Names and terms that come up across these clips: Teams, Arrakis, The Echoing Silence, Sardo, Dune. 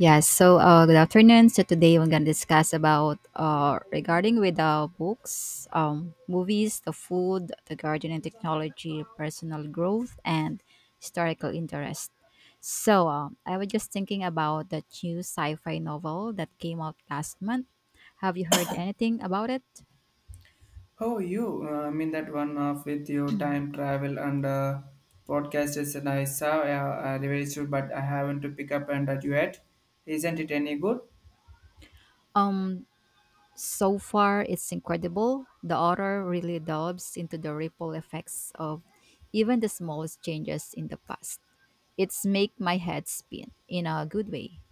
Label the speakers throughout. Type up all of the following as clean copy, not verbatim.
Speaker 1: Yes. So, good afternoon. So today we're gonna discuss about regarding with books, movies, the food, the garden and technology, personal growth, and historical interest. So, I was just thinking about the new sci-fi novel that came out last month. Have you heard anything about it?
Speaker 2: Oh, you? I mean that one off with your time travel and podcast is I saw I reviewed, but I haven't to pick up and that yet. Isn't it any good?
Speaker 1: um, So far, it's incredible. The author really delves into the ripple effects of even the smallest changes in the past. It's make my head spin in a good way.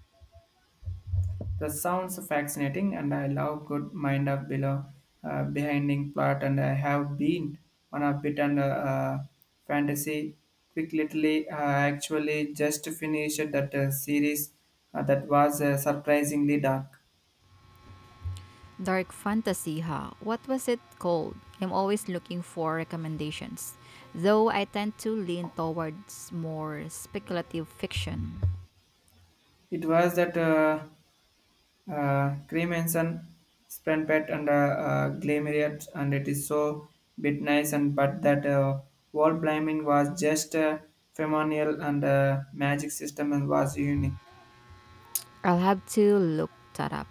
Speaker 2: The sounds fascinating, and I love good mind of below behinding plot, and I have been on a bit and fantasy. Quick, literally, actually just finished that series that was surprisingly dark.
Speaker 1: Dark fantasy, huh? What was it called? I'm always looking for recommendations, though I tend to lean towards more speculative fiction.
Speaker 2: It was that. Cremation, spent and glamorious, and it is so bit nice. And but that wall climbing was just phenomenal, and magic system and was unique.
Speaker 1: I'll have to look that up.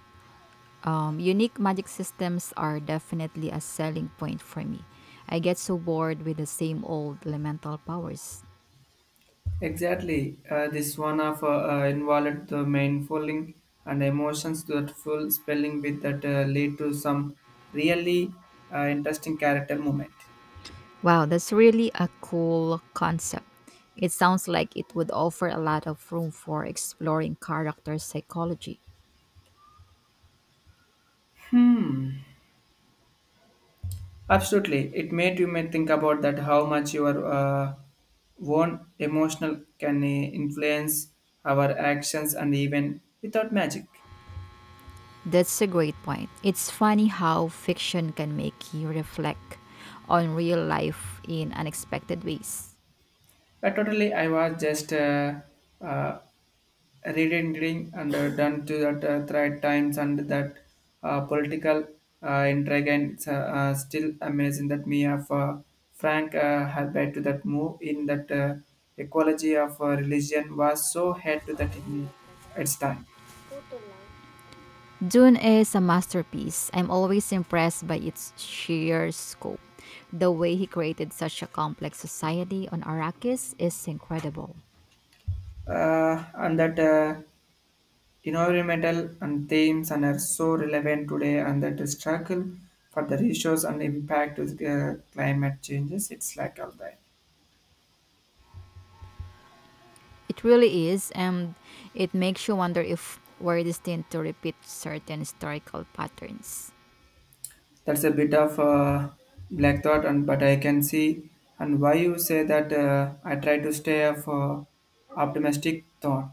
Speaker 1: Unique magic systems are definitely a selling point for me. I get so bored with the same old elemental powers.
Speaker 2: Exactly, this one of involved the main falling and emotions that full spelling bit that lead to some really interesting character moment.
Speaker 1: Wow, that's really a cool concept. It sounds like it would offer a lot of room for exploring character psychology.
Speaker 2: Hmm. Absolutely, it made you may think about that how much your own emotional can influence our actions and even without magic.
Speaker 1: That's a great point. It's funny how fiction can make you reflect on real life in unexpected ways.
Speaker 2: But totally, I was just uh, reading and done to that thread times and that political intrigue and it's, still amazing that me of Frank Herbert to that move in that ecology of religion was so head to that in its time.
Speaker 1: Dune is a masterpiece. I'm always impressed by its sheer scope. The way he created such a complex society on Arrakis is incredible.
Speaker 2: And that environmental and themes and are so relevant today and that the struggle for the ratios and impact of climate changes it's like all that
Speaker 1: It really is, and it makes you wonder if we're destined to repeat certain historical patterns.
Speaker 2: that's a bit of black thought and but I can see and why you say that I try to stay of optimistic thought.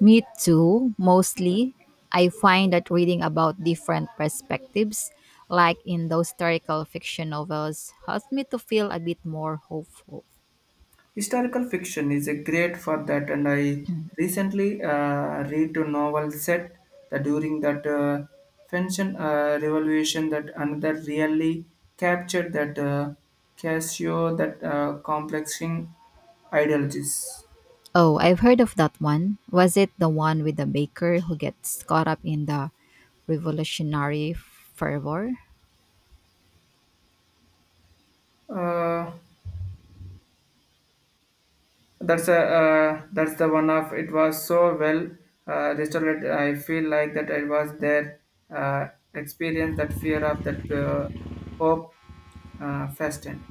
Speaker 1: Me too, mostly. I find that reading about different perspectives, like in those historical fiction novels, helps me to feel a bit more hopeful.
Speaker 2: Historical fiction is a great for that, and I recently read a novel set that during that French Revolution that another really captured that Casio that complexing ideologies.
Speaker 1: Oh, I've heard of that one. Was it the one with the baker who gets caught up in the revolutionary fervor?
Speaker 2: Uh, that's the one of it was so well restored. I feel like that it was their uh, experience that fear of that hope fastened.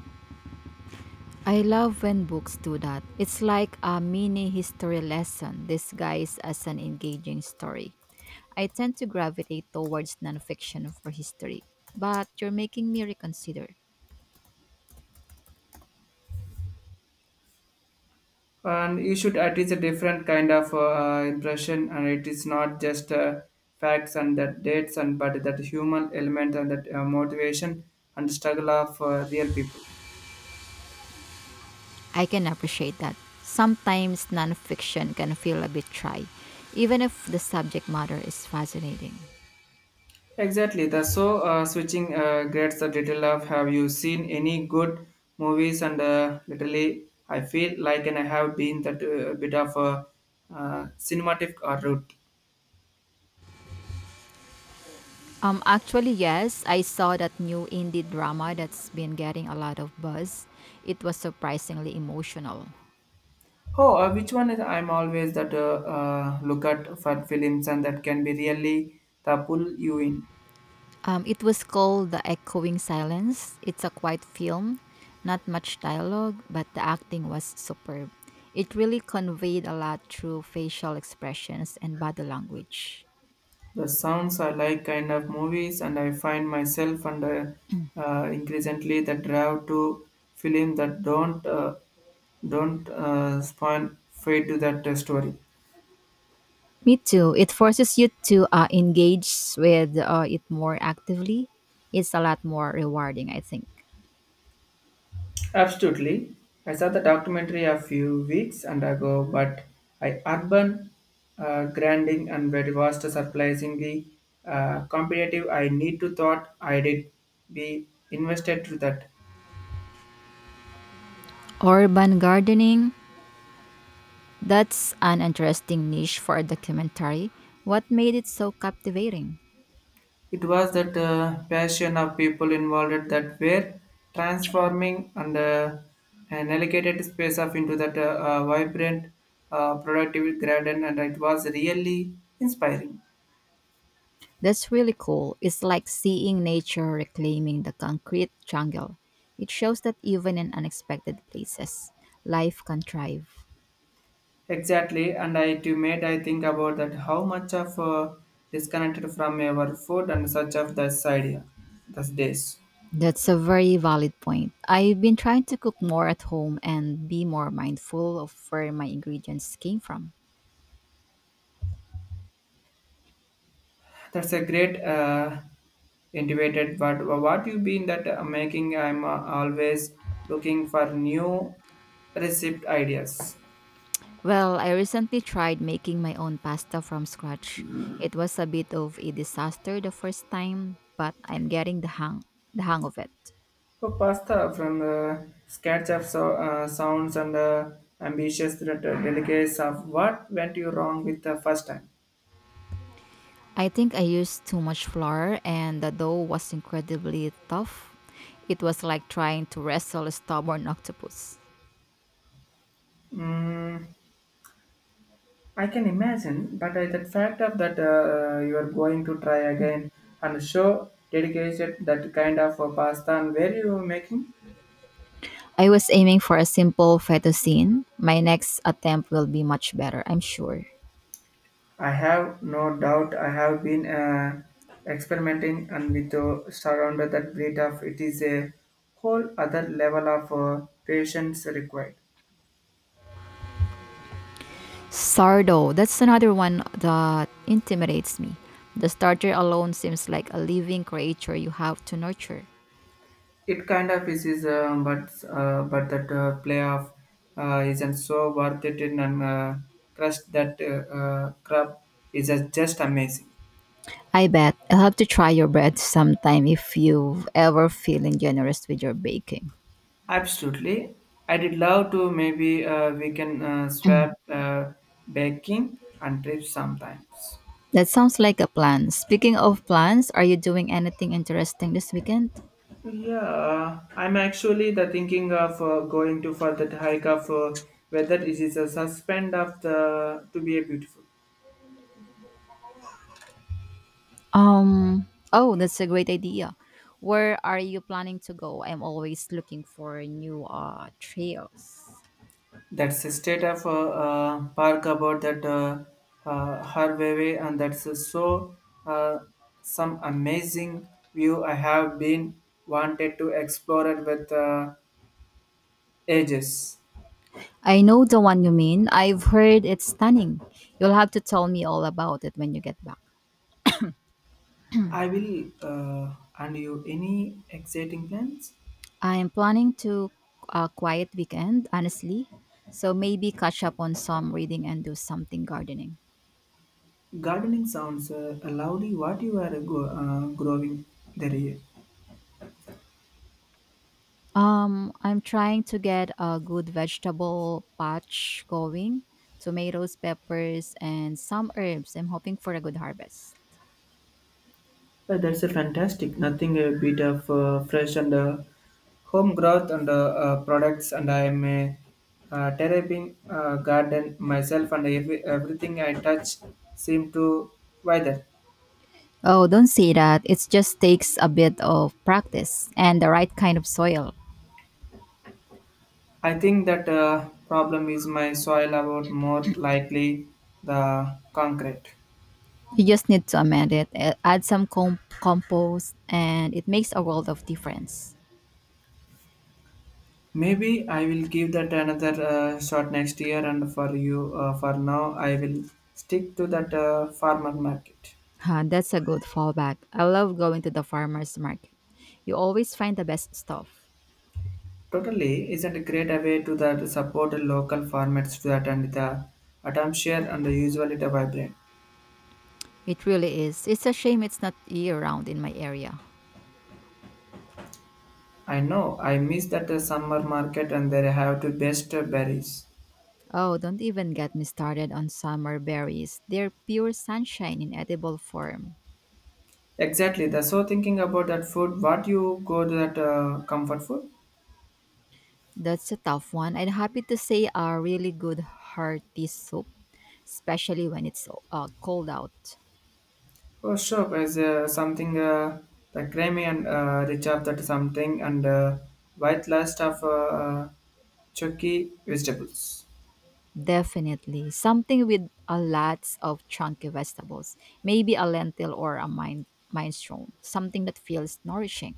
Speaker 1: I love when books do that. It's like a mini history lesson disguised as an engaging story. I tend to gravitate towards nonfiction for history, but you're making me reconsider.
Speaker 2: And you should at least a different kind of impression and it is not just facts and that dates and but that human element and that motivation and struggle of real people.
Speaker 1: I can appreciate that. Sometimes nonfiction can feel a bit dry, even if the subject matter is fascinating.
Speaker 2: Exactly the so switching grades the little of have you seen any good movies and literally I feel like and I have been that bit of a cinematic or route.
Speaker 1: Actually, yes, I saw that new indie drama that's been getting a lot of buzz. It was surprisingly emotional.
Speaker 2: Oh, which one is I'm always that look at for films and that can be really that pull you in.
Speaker 1: It was called The Echoing Silence. It's a quiet film, not much dialogue, but the acting was superb. It really conveyed a lot through facial expressions and body language.
Speaker 2: The sounds I like kind of movies, and I find myself under increasingly the drive to film that don't spawn fade to that story.
Speaker 1: Me too. It forces you to engage with it more actively. It's a lot more rewarding, I think.
Speaker 2: Absolutely. I saw the documentary a few weeks and ago, but I urban grinding and very vast surprisingly competitive. I need to thought I did be invested to that.
Speaker 1: Urban gardening. That's an interesting niche for a documentary. What made it so captivating?
Speaker 2: It was that passion of people involved that were transforming and an allocated space of into that vibrant productive garden, and it was really inspiring.
Speaker 1: That's really cool. It's like seeing nature reclaiming the concrete jungle. It shows that even in unexpected places, life can thrive.
Speaker 2: Exactly, and I too made I think about that how much of disconnected from our food and such of the side those days.
Speaker 1: That's a very valid point. I've been trying to cook more at home and be more mindful of where my ingredients came from.
Speaker 2: That's a great intuited. But what you been that making? I'm always looking for new receipt ideas.
Speaker 1: Well, I recently tried making my own pasta from scratch. It was a bit of a disaster the first time, but I'm getting the hang of it.
Speaker 2: For pasta from the sketch of so, sounds and ambitious that, delicacies of what went you wrong with the first time.
Speaker 1: I think I used too much flour and the dough was incredibly tough. It was like trying to wrestle a stubborn octopus.
Speaker 2: Mm. I can imagine, but the fact of that you are going to try again and show dedicated that kind of pasta and where you are making.
Speaker 1: I was aiming for a simple fettuccine. My next attempt will be much better, I'm sure.
Speaker 2: I have no doubt. I have been experimenting and with surrounded that breed of it is a whole other level of patience required.
Speaker 1: Sardo. That's another one that intimidates me. The starter alone seems like a living creature you have to nurture.
Speaker 2: It kind of is, but but that playoff isn't so worth it in and crust that crab is just amazing.
Speaker 1: I bet I'll have to try your bread sometime if you've ever feeling generous with your baking.
Speaker 2: Absolutely. I did love to maybe we can swap baking and trips sometimes.
Speaker 1: That sounds like a plan. Speaking of plans, are you doing anything interesting this weekend?
Speaker 2: Yeah, I'm actually the thinking of going to for that hike of whether it is a suspend of the to be a beautiful.
Speaker 1: Um, oh, that's a great idea. Where are you planning to go? I'm always looking for new trails.
Speaker 2: That's a state of park about that Harvey and that's uh, some amazing view I have been wanted to explore it with ages.
Speaker 1: I know the one you mean. I've heard it's stunning. You'll have to tell me all about it when you get back.
Speaker 2: I will. And you, any exciting plans?
Speaker 1: I'm planning to a quiet weekend, honestly. So maybe catch up on some reading and do something gardening.
Speaker 2: Gardening sounds lovely. What you are growing there? Yeah.
Speaker 1: I'm trying to get a good vegetable patch going. Tomatoes, peppers, and some herbs. I'm hoping for a good harvest.
Speaker 2: That's a fantastic. Nothing a bit of fresh and home growth and products. And I am a terrapin garden myself, and every, everything I touch seem to wither.
Speaker 1: Oh, don't say that. It just takes a bit of practice and the right kind of soil.
Speaker 2: I think that problem is my soil about more likely the concrete.
Speaker 1: You just need to amend it, add some compost, and it makes a world of difference.
Speaker 2: Maybe I will give that another shot next year, and for you, for now, I will stick to that farmer market.
Speaker 1: Huh, that's a good fallback. I love going to the farmer's market. You always find the best stuff.
Speaker 2: Totally, isn't a great way to that support local farmers to that and the atmosphere and usually the vibrant.
Speaker 1: It really is. It's a shame it's not year round in my area.
Speaker 2: I know I miss that summer market and they have the best berries.
Speaker 1: Oh, don't even get me started on summer berries. They're pure sunshine in edible form.
Speaker 2: Exactly. The so thinking about that food, what you go to that comfort food?
Speaker 1: That's a tough one. I'm happy to say a really good hearty soup, especially when it's cold out.
Speaker 2: Oh, sure. There's something the creamy and rich of that something and white last of chucky vegetables.
Speaker 1: Definitely. Something with a lots of chunky vegetables. Maybe a lentil or a mind minestrone. Something that feels nourishing.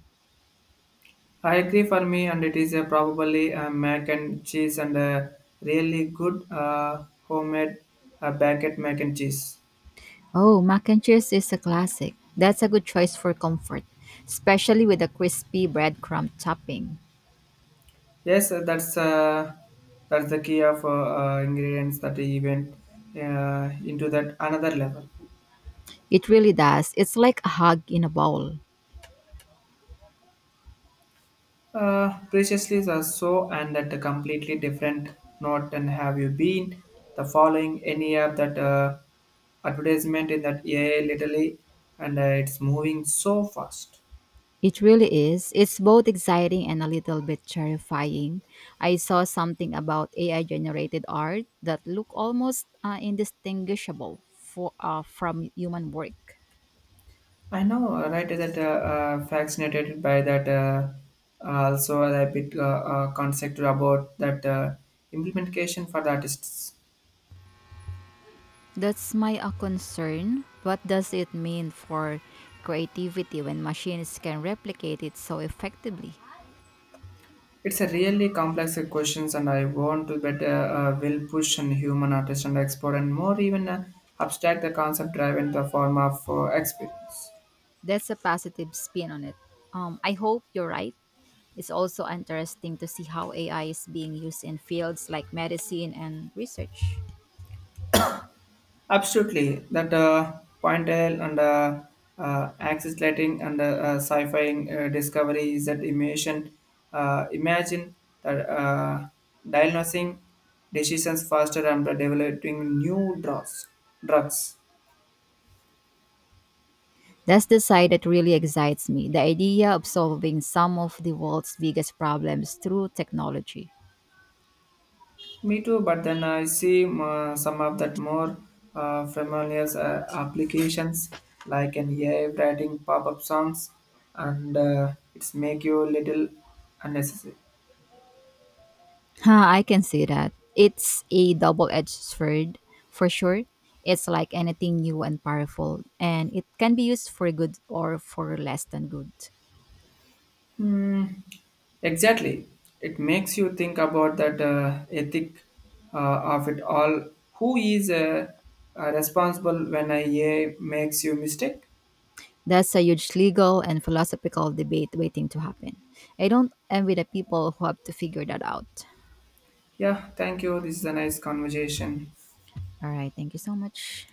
Speaker 2: I agree for me, and it is probably a mac and cheese and a really good homemade baguette mac and cheese.
Speaker 1: Oh, mac and cheese is a classic. That's a good choice for comfort, especially with a crispy breadcrumb topping.
Speaker 2: Yes, that's that's the key of ingredients that even into that another level.
Speaker 1: It really does. It's like a hug in a bowl.
Speaker 2: Preciously or so, and that a completely different note than have you been. The following any app that advertisement in that AI literally, and it's moving so fast.
Speaker 1: It really is. It's both exciting and a little bit terrifying. I saw something about AI generated art that looked almost indistinguishable from human work.
Speaker 2: I know, right? That fascinated by that. Also, a bit concept about that implementation for the artists.
Speaker 1: That's my concern. What does it mean for creativity when machines can replicate it so effectively?
Speaker 2: It's a really complex questions, and I want to better will push and human artist and explore and more even abstract the concept drive in the form of experience.
Speaker 1: That's a positive spin on it. I hope you're right. It's also interesting to see how AI is being used in fields like medicine and research.
Speaker 2: Absolutely, that point L and axis lighting and sci-fi discovery is that immersion. Imagine that diagnosing decisions faster and developing new drugs. Drugs.
Speaker 1: That's the side that really excites me the idea of solving some of the world's biggest problems through technology.
Speaker 2: Me too, but then I see some of that more familiar applications like an AI writing pop-up songs, and it's make you little unnecessary.
Speaker 1: Huh, I can see that. It's a double edged sword, for sure. It's like anything new and powerful, and it can be used for good or for less than good.
Speaker 2: Hmm. Exactly, it makes you think about that ethic uh, of it all. Who is responsible when a AI makes you mistake?
Speaker 1: That's a huge legal and philosophical debate waiting to happen. I don't envy the people who have to figure that out.
Speaker 2: Yeah, thank you. This is a nice conversation.
Speaker 1: All right, thank you so much.